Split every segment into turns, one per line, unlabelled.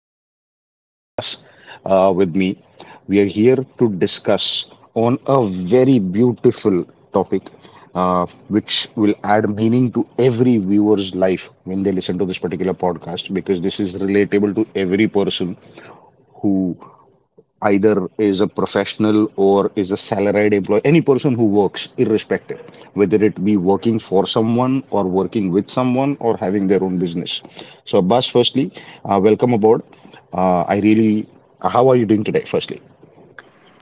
my co host Abbas with me. We are here to discuss on a very beautiful topic which will add meaning to every viewer's life when they listen to this particular podcast because this is relatable to every person who either is a professional or is a salaried employee, any person who works, irrespective, whether it be working for someone or working with someone or having their own business. So, Abbas, firstly, welcome aboard. Uh, I really, how are you doing today? Firstly,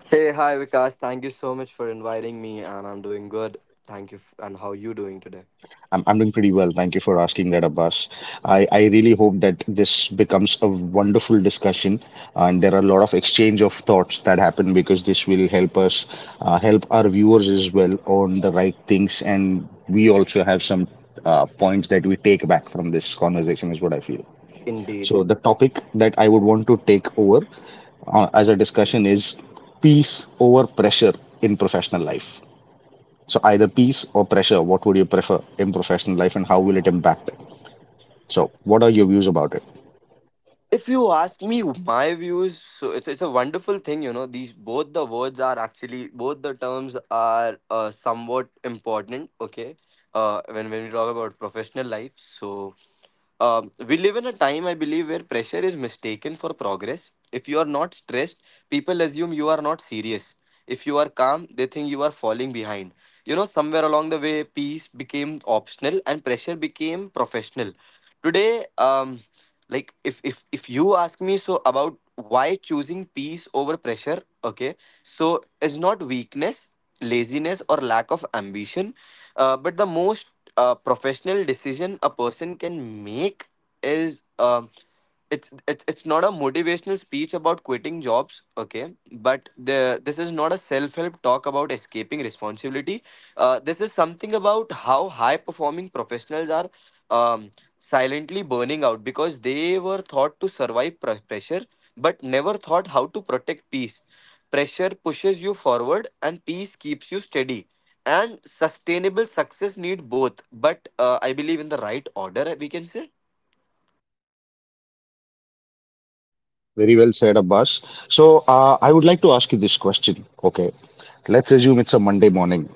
Hey, hi Vikas. Thank you so much for inviting me, and I'm doing good. Thank you. And how you doing today?
I'm doing pretty well. Thank you for asking that, Abbas. I really hope that this becomes a wonderful discussion, and there are a lot of exchange of thoughts that happen because this will help us, help our viewers as well on the right things, and we also have some points that we take back from this conversation, is what I feel.
Indeed.
So the topic that I would want to take over as a discussion is peace over pressure in professional life. So either peace or pressure, what would you prefer in professional life and how will it impact it? So what are your views about it?
If you ask me my views, so it's a wonderful thing, you know. These both the words are actually both the terms are somewhat important. Okay, when we talk about professional life, so we live in a time, I believe, where pressure is mistaken for progress. If you are not stressed, people assume you are not serious. If you are calm, they think you are falling behind. You know, somewhere along the way, peace became optional and pressure became professional. Today, like if you ask me so about why choosing peace over pressure, okay, so it's not weakness, laziness, or lack of ambition, but the most a professional decision a person can make is it's not a motivational speech about quitting jobs. Okay, but the this is not a self-help talk about escaping responsibility. This is something about how high performing professionals are um, silently burning out because they were thought to survive pressure, but never thought how to protect peace. Pressure pushes you forward and peace keeps you steady, and sustainable success need both, but I believe in the right order, we can say.
Very well said, Abbas. So I would like to ask you this question. Okay. Let's assume it's a Monday morning.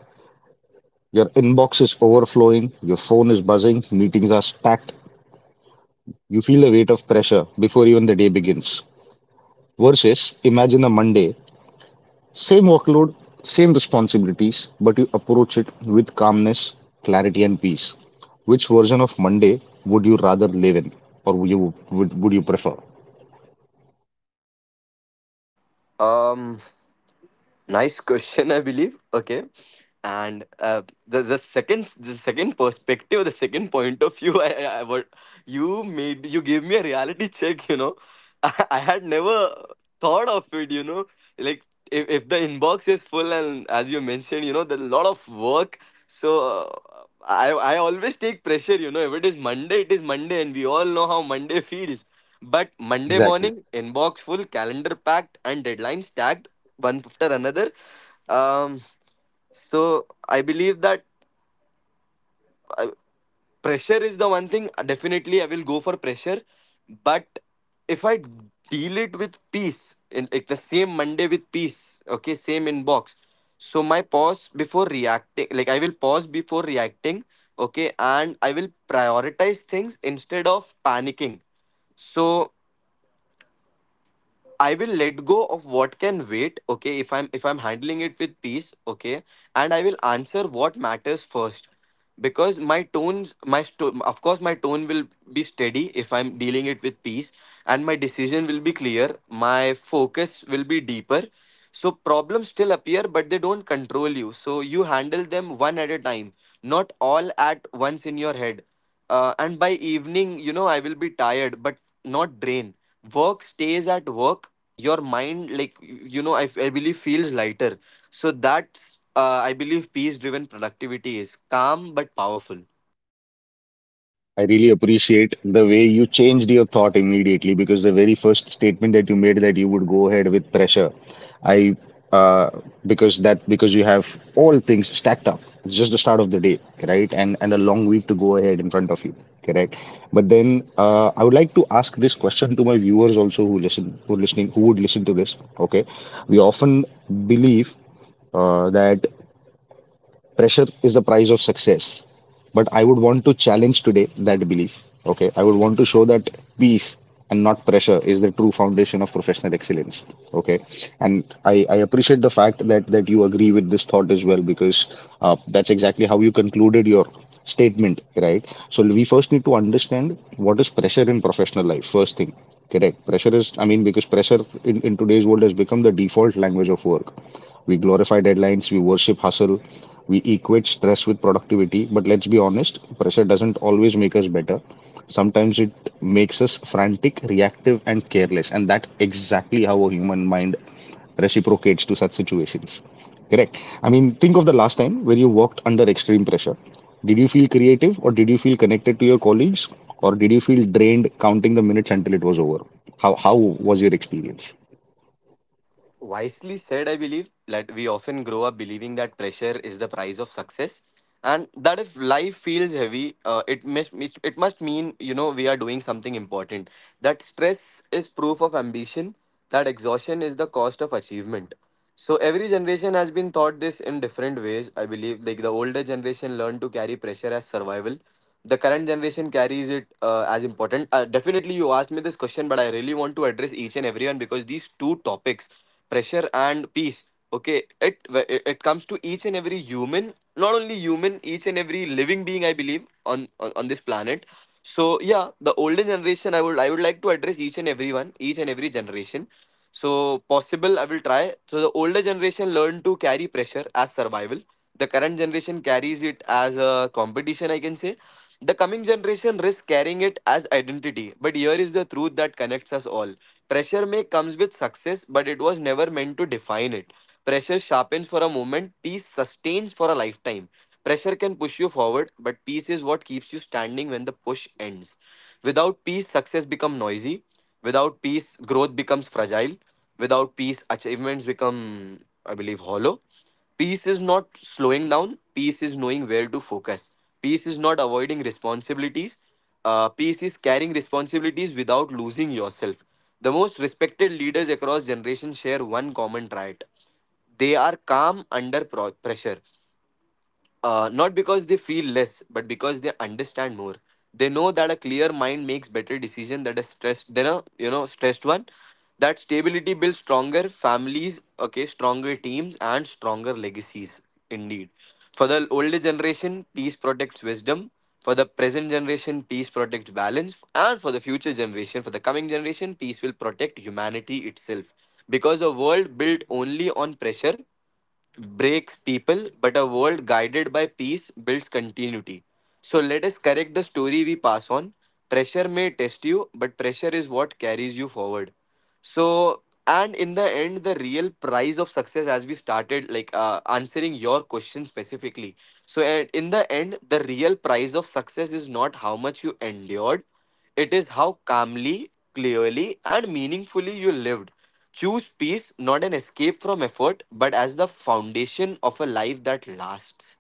Your inbox is overflowing, your phone is buzzing, meetings are stacked. You feel the weight of pressure before even the day begins. Versus, imagine a Monday. Same workload, same responsibilities, but you approach it with calmness, clarity, and peace. Which version of Monday would you rather live in, or would you prefer?
um Nice question, I believe. Okay, and the second perspective, the second point of view, I, what you made you gave me a reality check. You know, I had never thought of it. You know, like if the inbox is full and as you mentioned, you know, there's a lot of work. So I always take pressure. You know, if it is Monday, it is Monday, and we all know how Monday feels. But Monday
Exactly.
morning, inbox full, calendar packed, and deadlines tagged one after another. Um, so I believe that uh, pressure is the one thing. Definitely, I will go for pressure. But if I deal it with peace, in like the same Monday with peace, okay, same inbox. So my pause before reacting, like I will pause before reacting, okay, and I will prioritize things instead of panicking. So I will let go of what can wait, okay, if I'm handling it with peace, okay, and I will answer what matters first. Because my tones, of course, my tone will be steady if I'm dealing it with peace, and my decision will be clear. My focus will be deeper. So problems still appear, but they don't control you. So you handle them one at a time, not all at once in your head. And by evening, you know, I will be tired, but not drained. Work stays at work. Your mind, like, you know, I believe feels lighter. So that's I believe peace driven productivity is calm but powerful.
I really appreciate the way you changed your thought immediately because the very first statement that you made that you would go ahead with pressure, I uh, because that because you have all things stacked up. It's just the start of the day, right? And a long week to go ahead in front of you, correct? But then I would like to ask this question to my viewers also who would listen to this. Okay, we often believe that pressure is the price of success, but I would want to challenge today that belief. Okay, I would want to show that peace and not pressure is the true foundation of professional excellence. Okay, and I appreciate the fact that you agree with this thought as well because that's exactly how you concluded your statement, right? So we first need to understand what is pressure in professional life, first thing, correct? Pressure is, I mean, because pressure in today's world has become the default language of work. We glorify deadlines, we worship hustle, we equate stress with productivity, but let's be honest, pressure doesn't always make us better. Sometimes it makes us frantic, reactive, and careless. And that's exactly how a human mind reciprocates to such situations. Correct. I mean, think of the last time when you worked under extreme pressure. Did you feel creative or did you feel connected to your colleagues, or did you feel drained counting the minutes until it was over? How was your experience?
Wisely said, I believe that we often grow up believing that pressure is the price of success, and that if life feels heavy, it must mean, you know, we are doing something important. That stress is proof of ambition. That exhaustion is the cost of achievement. So every generation has been taught this in different ways. I believe like the older generation learned to carry pressure as survival, the current generation carries it as important. Definitely, you asked me this question, but I really want to address each and everyone, because these two topics, pressure and peace, okay, it comes to each and every human, not only human, each and every living being, I believe, on on this planet. So yeah, the older generation, I would like to address each and everyone, each and every generation. So possible, I will try. So the older generation learned to carry pressure as survival. The current generation carries it as a competition, I can say the coming generation risks carrying it as identity, but here is the truth that connects us all. Pressure may comes with success, but it was never meant to define it. Pressure sharpens for a moment, peace sustains for a lifetime. Pressure can push you forward, but peace is what keeps you standing when the push ends. Without peace, success becomes noisy. Without peace, growth becomes fragile. Without peace, achievements become, I believe, hollow. Peace is not slowing down. Peace is knowing where to focus. Peace is not avoiding responsibilities. Peace is carrying responsibilities without losing yourself. The most respected leaders across generations share one common trait: they are calm under pressure, not because they feel less, but because they understand more. They know that a clear mind makes better decision than a stressed than a stressed one. That stability builds stronger families, okay, stronger teams, and stronger legacies. Indeed, for the older generation, peace protects wisdom. For the present generation, peace protects balance, and for the future generation, for the coming generation, peace will protect humanity itself. Because a world built only on pressure breaks people, but a world guided by peace builds continuity. So let us correct the story we pass on. Pressure may test you, but pressure is what carries you forward. So, and in the end, the real price of success, as we started, like answering your question specifically. So, and in the end, the real price of success is not how much you endured, it is how calmly, clearly, and meaningfully you lived. Choose peace not an escape from effort, but as the foundation of a life that lasts.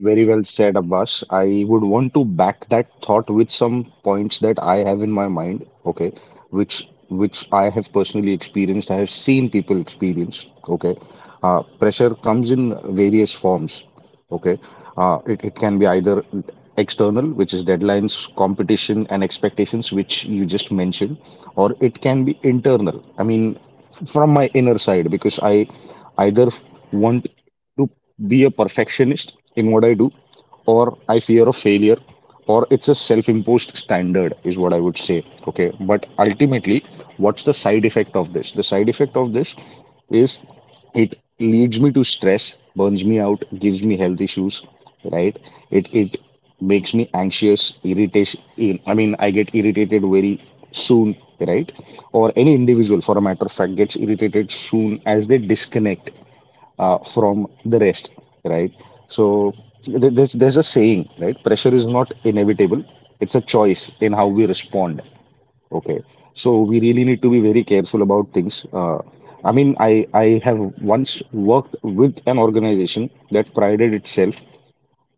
Very well said, Abbas. I would want to back that thought with some points that I have in my mind, okay, which I have personally experienced, I have seen people experience, okay. Pressure comes in various forms, okay. It can be either external, which is deadlines, competition, and expectations, which you just mentioned, or it can be internal. I mean, from my inner side, because I either want to be a perfectionist in what I do, or I fear of failure, or it's a self imposed standard, is what I would say. Okay, but ultimately, what's the side effect of this? The side effect of this is it leads me to stress, burns me out, gives me health issues, right? It makes me anxious, irritation. I mean, I get irritated very soon, right? Or any individual, for a matter of fact, gets irritated soon as they disconnect from the rest, right? So there's a saying, right? Pressure is not inevitable; it's a choice in how we respond. Okay, so we really need to be very careful about things. I mean, I have once worked with an organization that prided itself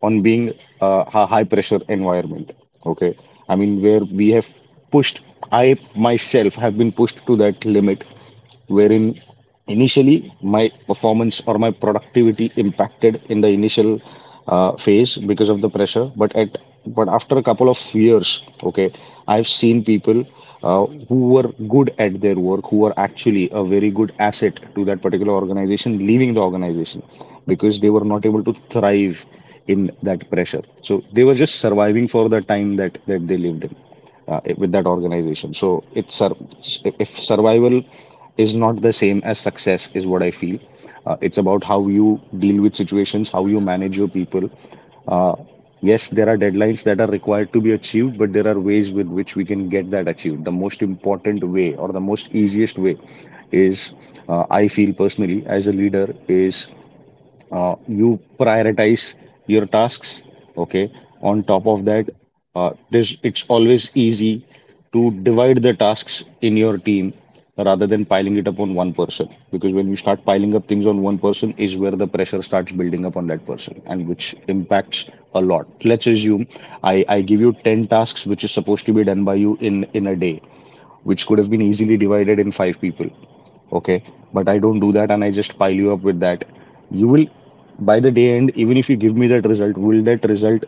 on being a high pressure environment. Okay, I mean where we have pushed. I myself have been pushed to that limit wherein initially my performance or my productivity impacted in the initial phase because of the pressure, but at but after a couple of years, okay, I've seen people who were good at their work, who were actually a very good asset to that particular organization leaving the organization because they were not able to thrive in that pressure. So they were just surviving for the time that they lived in with that organization. So it's if survival is not the same as success, is what I feel. It's about how you deal with situations, how you manage your people. uh, yes, there are deadlines that are required to be achieved, but there are ways with which we can get that achieved. The most important way or the most easiest way is, I feel personally as a leader is, uh, you prioritize your tasks. Okay, on top of that, there's it's always easy to divide the tasks in your team rather than piling it up on one person, because when you start piling up things on one person is where the pressure starts building up on that person, and which impacts a lot. Let's assume I give you 10 tasks which is supposed to be done by you in a day, which could have been easily divided in 5 people. Okay. But I don't do that and I just pile you up with that. You will, by the day end, even if you give me that result, will that result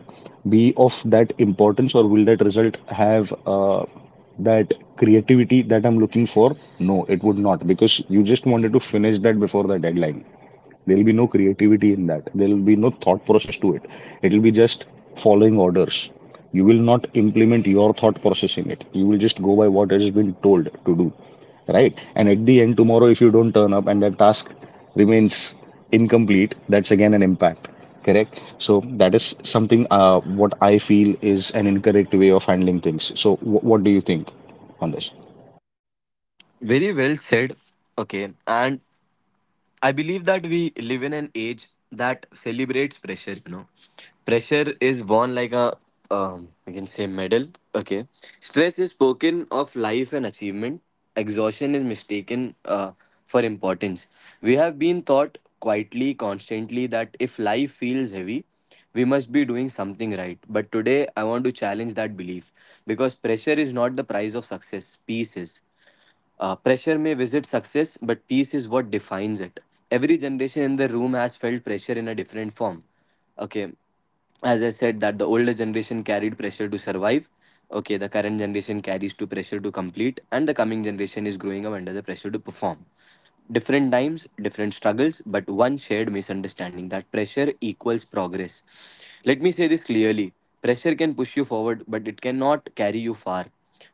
be of that importance, or will that result have that creativity that I'm looking for? No, it would not, because you just wanted to finish that before the deadline. There'll be no creativity in that. There'll be no thought process to it. It'll be just following orders. You will not implement your thought process in it. You will just go by what has been told to do, right? And at the end, tomorrow, if you don't turn up and that task remains incomplete, that's again an impact, correct? So that is something what I feel is an incorrect way of handling things. So, what do you think on this?
Very well said. Okay, and I believe that we live in an age that celebrates pressure, you know. Pressure is worn like a, we can say, medal. Okay. Stress is spoken of life and achievement. Exhaustion is mistaken for importance. We have been taught quietly, constantly, that if life feels heavy, we must be doing something right. But today, I want to challenge that belief because pressure is not the price of success, peace is. Pressure may visit success, but peace is what defines it. Every generation in the room has felt pressure in a different form. Okay, as I said, that the older generation carried pressure to survive. Okay, the current generation carries to pressure to complete, and the coming generation is growing up under the pressure to perform. Different times, different struggles, but one shared misunderstanding that pressure equals progress. Let me say this clearly: pressure can push you forward, but it cannot carry you far.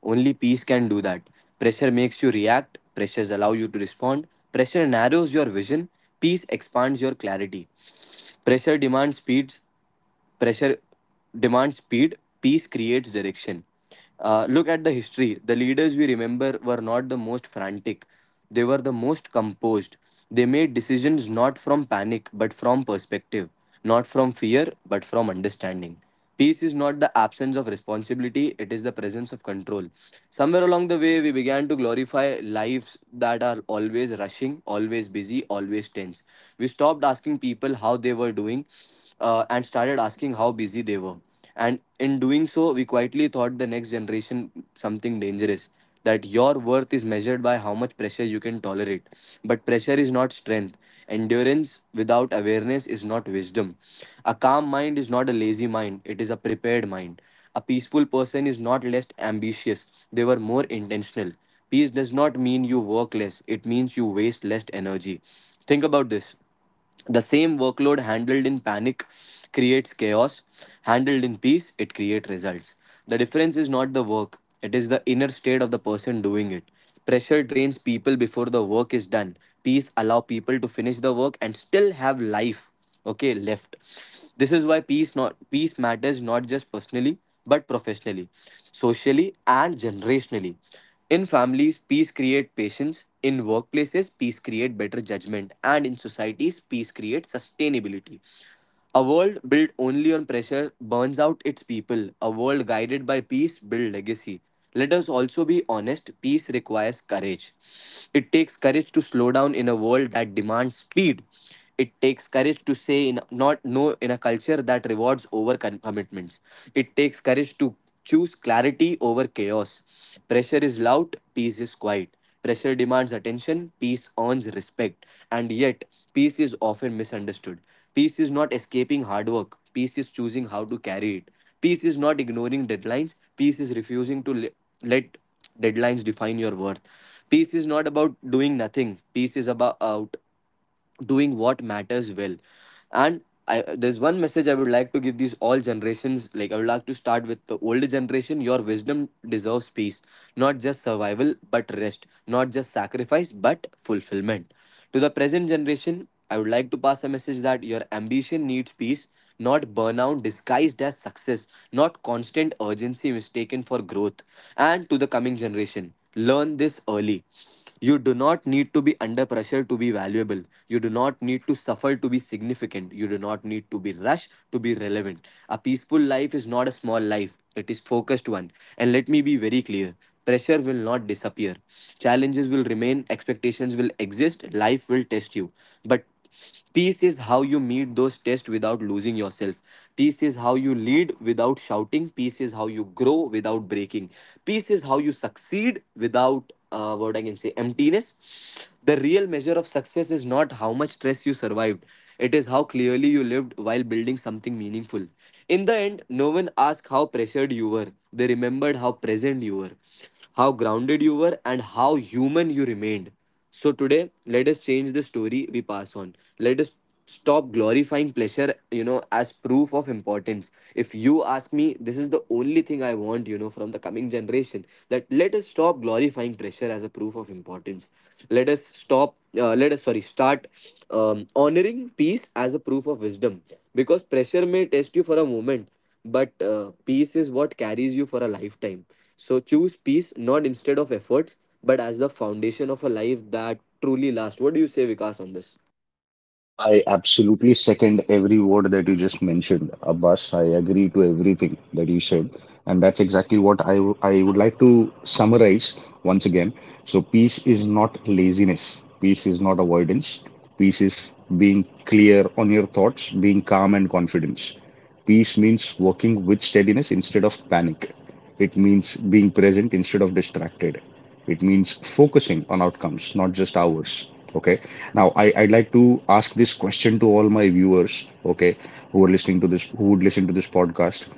Only peace can do that. Pressure makes you react, pressures allow you to respond, pressure narrows your vision, peace expands your clarity. Pressure demands speeds, Pressure demands speed, peace creates direction. Look at the history. The leaders we remember were not the most frantic, they were the most composed. They made decisions not from panic but from perspective, not from fear but from understanding. Peace is not the absence of responsibility, it is the presence of control. Somewhere along the way, we began to glorify lives that are always rushing, always busy, always tense. We stopped asking people how they were doing and started asking how busy they were. And in doing so, we quietly taught the next generation something dangerous, that your worth is measured by how much pressure you can tolerate. But pressure is not strength. Endurance without awareness is not wisdom. A calm mind is not a lazy mind, it is a prepared mind. A peaceful person is not less ambitious, they were more intentional. Peace does not mean you work less, it means you waste less energy. Think about this: the same workload handled in panic creates chaos, handled in peace, it creates results. The difference is not the work, it is the inner state of the person doing it. Pressure drains people before the work is done. Peace allow people to finish the work and still have life, okay, left. This is why peace matters not just personally but professionally, socially and generationally. In families, peace creates patience. In workplaces, peace creates better judgment. And in societies, peace creates sustainability. A world built only on pressure burns out its people. A world guided by peace builds legacy. Let us also be honest, peace requires courage. It takes courage to slow down in a world that demands speed. It takes courage to say in, not no, in a culture that rewards over commitments. It takes courage to choose clarity over chaos. Pressure is loud, peace is quiet. Pressure demands attention, peace earns respect. And yet, peace is often misunderstood. Peace is not escaping hard work, peace is choosing how to carry it. Peace is not ignoring deadlines, peace is refusing to let deadlines define your worth. Peace is not about doing nothing, peace is about doing what matters well. And there's one message I would like to give these all generations. I would like to start with the older generation. Your wisdom deserves peace, not just survival but rest, not just sacrifice but fulfillment. To the present generation, I would like to pass a message that your ambition needs peace, not burnout disguised as success, not constant urgency mistaken for growth. And to the coming generation, learn this early: you do not need to be under pressure to be valuable. You do not need to suffer to be significant. You do not need to be rushed to be relevant. A peaceful life is not a small life, it is focused one. And let me be very clear, pressure will not disappear. Challenges will remain, expectations will exist, life will test you. But peace is how you meet those tests without losing yourself. Peace is how you lead without shouting. Peace is how you grow without breaking. Peace is how you succeed without what I can say emptiness. The real measure of success is not how much stress you survived. It is how clearly you lived while building something meaningful. In the end, no one asked how pressured you were. They remembered how present you were, how grounded you were, and how human you remained. So today, let us change the story we pass on. Let us stop glorifying pleasure, as proof of importance. If you ask me, this is the only thing I want, from the coming generation. That let us stop glorifying pressure as a proof of importance. Let us stop. Let us, sorry, start honoring peace as a proof of wisdom, because pressure may test you for a moment, but peace is what carries you for a lifetime. So choose peace, not instead of efforts, but as the foundation of a life that truly lasts. What do you say, Vikas, on this?
I absolutely second every word that you just mentioned, Abbas. I agree to everything that you said, and that's exactly what I would like to summarize once again. So, peace is not laziness. Peace is not avoidance. Peace is being clear on your thoughts, being calm and confident. Peace means working with steadiness instead of panic. It means being present instead of distracted. It means focusing on outcomes, not just hours. Okay. Now, I'd like to ask this question to all my viewers, okay, who are listening to this, who would listen to this podcast.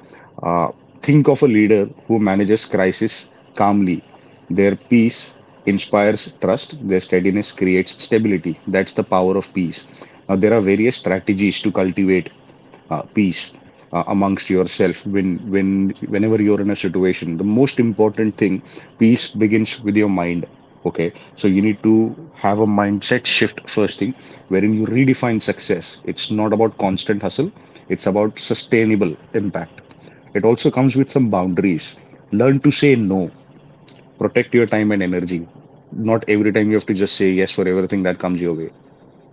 Uh, think of a leader who manages crisis calmly. Their peace inspires trust, their steadiness creates stability. That's the power of peace. Now, there are various strategies to cultivate peace amongst yourself when when whenever you're in a situation. The most important thing, peace begins with your mind. Okay, so you need to have a mindset shift, first thing, wherein you redefine success. It's not about constant hustle, it's about sustainable impact. It also comes with some boundaries. Learn to say no, protect your time and energy. Not every time you have to just say yes for everything that comes your way,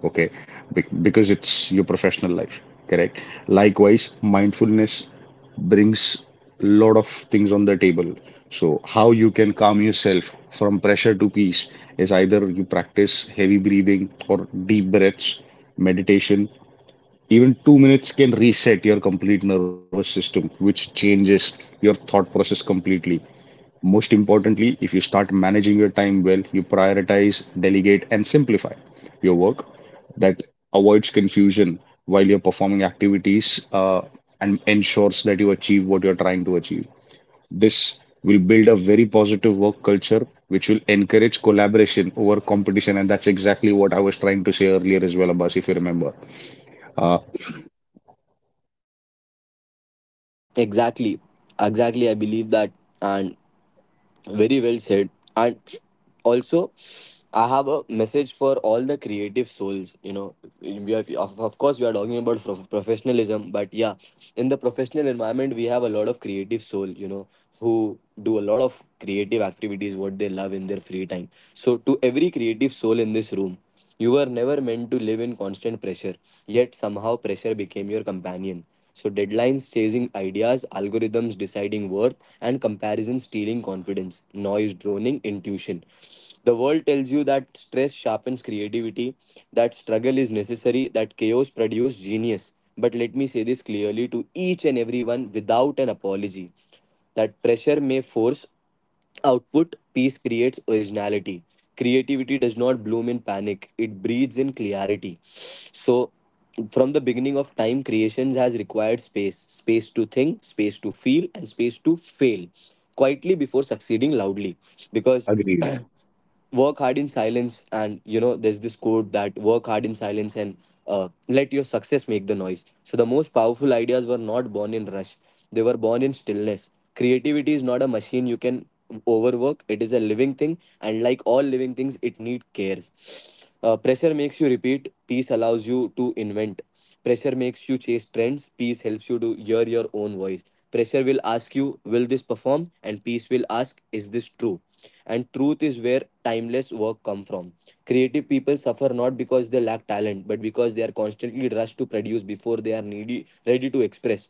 okay, because it's your professional life, correct? Likewise, mindfulness brings a lot of things on the table. So how you can calm yourself from pressure to peace is either you practice heavy breathing or deep breaths, meditation. Even 2 minutes can reset your complete nervous system, which changes your thought process completely. Most importantly, if you start managing your time well, you prioritize, delegate, and simplify your work. That avoids confusion while you're performing activities, and ensures that you achieve what you're trying to achieve. This will build a very positive work culture, which will encourage collaboration over competition. And that's exactly what I was trying to say earlier as well, Abbas, if you remember. Uh,
Exactly, exactly. I believe that, and very well said. And also, I have a message for all the creative souls. You know, we have, of course, we are talking about professionalism, but yeah, in the professional environment, we have a lot of creative soul, you know, who do a lot of creative activities, what they love in their free time. So, to every creative soul in this room, you were never meant to live in constant pressure, yet somehow pressure became your companion. So, deadlines chasing ideas, algorithms deciding worth, and comparison stealing confidence, noise droning intuition. The world tells you that stress sharpens creativity, that struggle is necessary, that chaos produces genius. But let me say this clearly to each and everyone without an apology, that pressure may force output, peace creates originality. Creativity does not bloom in panic, it breathes in clarity. So, from the beginning of time, creations has required space, space to think, space to feel, and space to fail quietly before succeeding loudly. Because
Agreed.
work hard in silence, and you know there's this quote that work hard in silence and let your success make the noise. So the most powerful ideas were not born in rush, they were born in stillness. Creativity is not a machine you can overwork, it is a living thing, and like all living things it need cares. Pressure makes you repeat, peace allows you to invent. Pressure makes you chase trends, peace helps you to hear your own voice. Pressure will ask you, will this perform, and peace will ask, is this true? And truth is where timeless work come from. Creative people suffer not because they lack talent, but because they are constantly rushed to produce before they are needy ready to express.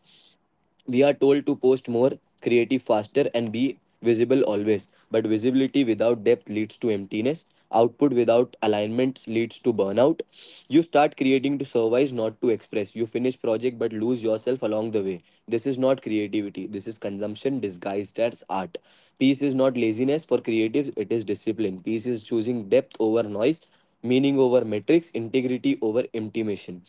We are told to post more, creative faster, and be visible always, but visibility without depth leads to emptiness. Output without alignments leads to burnout. You start creating to survive, not to express. You finish project but lose yourself along the way. This is not creativity, this is consumption disguised as art. Peace is not laziness for creatives, it is discipline. Peace is choosing depth over noise, meaning over metrics, integrity over intimation.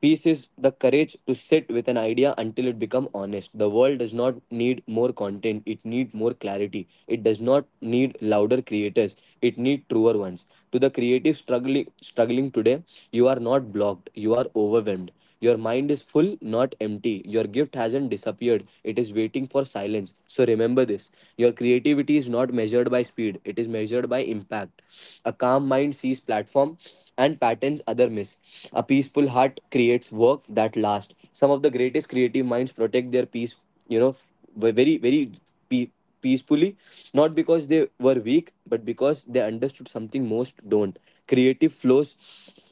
Peace is the courage to sit with an idea until it becomes honest. The world does not need more content, it needs more clarity. It does not need louder creators, it needs truer ones. To the creative struggling today, you are not blocked, you are overwhelmed. Your mind is full, not empty. Your gift hasn't disappeared, it is waiting for silence. So remember this: your creativity is not measured by speed, it is measured by impact. A calm mind sees platform and patterns other miss. A peaceful heart creates work that lasts. Some of the greatest creative minds protect their peace, you know, very, very pe- peacefully, not because they were weak, but because they understood something most don't. Creative flows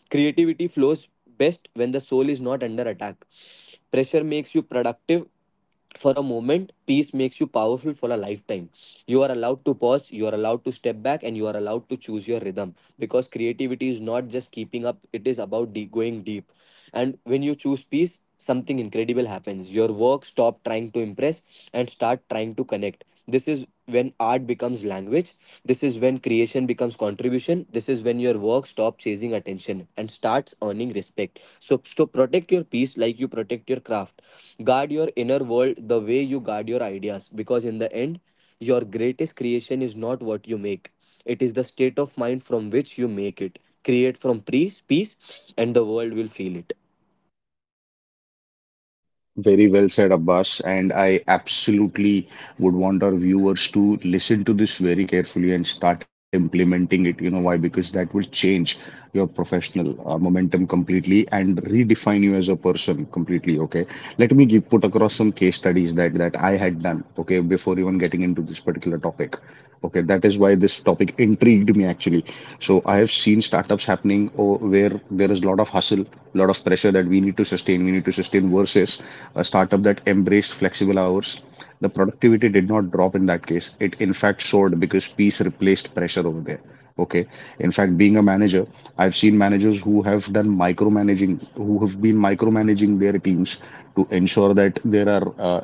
Creativity flows best when the soul is not under attack. Pressure makes you productive for a moment, peace makes you powerful for a lifetime. You are allowed to pause, you are allowed to step back, and you are allowed to choose your rhythm, because creativity is not just keeping up, it is about going deep. And when you choose peace, something incredible happens: your work stop trying to impress and start trying to connect. This is when art becomes language, this is when creation becomes contribution, this is when your work stop chasing attention and starts earning respect. So protect your peace like you protect your craft. Guard your inner world the way you guard your ideas, because in the end, your greatest creation is not what you make, it is the state of mind from which you make it. Create from peace, and the world will feel it.
Very well said, Abbas. And I absolutely would want our viewers to listen to this very carefully and start implementing it. You know why? Because that will change your professional momentum completely and redefine you as a person completely. Okay. Let me put across some case studies that I had done. Okay, before even getting into this particular topic. Okay, that is why this topic intrigued me actually. So I have seen startups happening where there is a lot of hustle, a lot of pressure that we need to sustain versus a startup that embraced flexible hours. The productivity did not drop in that case. It in fact soared because peace replaced pressure over there. Okay. In fact, being a manager, I've seen managers who have been micromanaging their teams to ensure that there are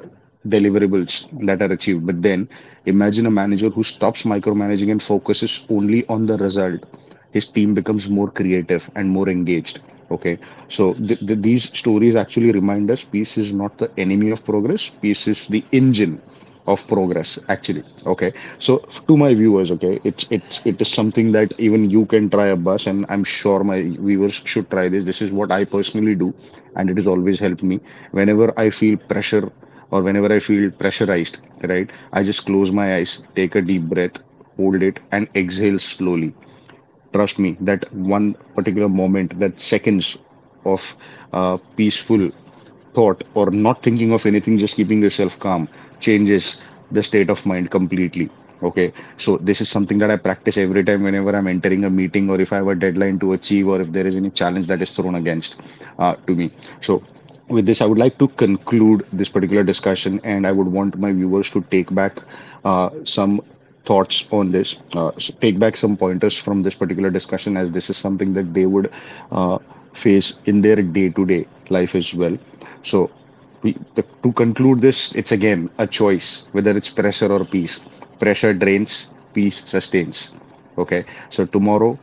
deliverables that are achieved. But then imagine a manager who stops micromanaging and focuses only on the result. His team becomes more creative and more engaged. Okay, so these stories actually remind us peace is not the enemy of progress, peace is the engine of progress actually. Okay, so to my viewers, okay, it's it is something that even you can try, a bus and I'm sure my viewers should try this. This is what I personally do, and it has always helped me. Whenever I feel pressure or whenever I feel pressurized, right, I just close my eyes, take a deep breath, hold it, and exhale slowly. Trust me, that one particular moment, that seconds of peaceful thought or not thinking of anything, just keeping yourself calm, changes the state of mind completely. Okay, so this is something that I practice every time whenever I'm entering a meeting, or if I have a deadline to achieve, or if there is any challenge that is thrown against, to me. So, with this, I would like to conclude this particular discussion, and I would want my viewers to take back some thoughts on this, take back some pointers from this particular discussion, as this is something that they would uh, face in their day-to-day life as well. So, to conclude this, it's again a choice whether it's pressure or peace. Pressure drains, peace sustains. Okay, so tomorrow,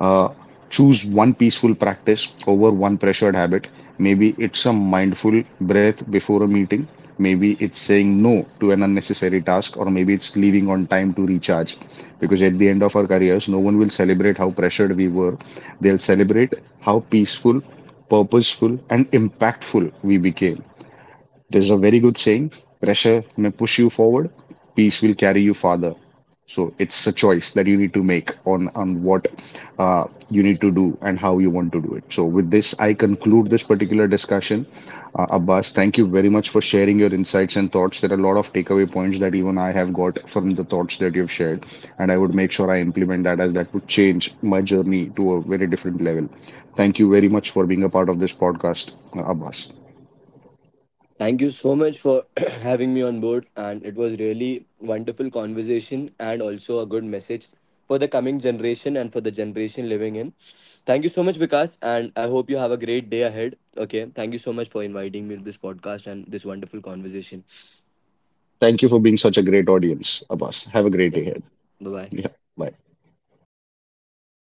uh, choose one peaceful practice over one pressured habit. Maybe it's a mindful breath before a meeting. Maybe it's saying no to an unnecessary task, or maybe it's leaving on time to recharge. Because at the end of our careers, no one will celebrate how pressured we were. They'll celebrate how peaceful, purposeful, and impactful we became. There's a very good saying, pressure may push you forward, peace will carry you farther. So it's a choice that you need to make on what uh, you need to do and how you want to do it. So with this, I conclude this particular discussion. Abbas, thank you very much for sharing your insights and thoughts. There are a lot of takeaway points that even I have got from the thoughts that you've shared, and I would make sure I implement that, as that would change my journey to a very different level. Thank you very much for being a part of this podcast, Abbas.
Thank you so much for having me on board. And it was really wonderful conversation, and also a good message for the coming generation and for the generation living in. Thank you so much, Vikas, and I hope you have a great day ahead. Okay, thank you so much for inviting me to this podcast and this wonderful conversation.
Thank you for being such a great audience, Abbas. Have a great day
Yeah,
ahead.
bye bye.
Yeah, bye.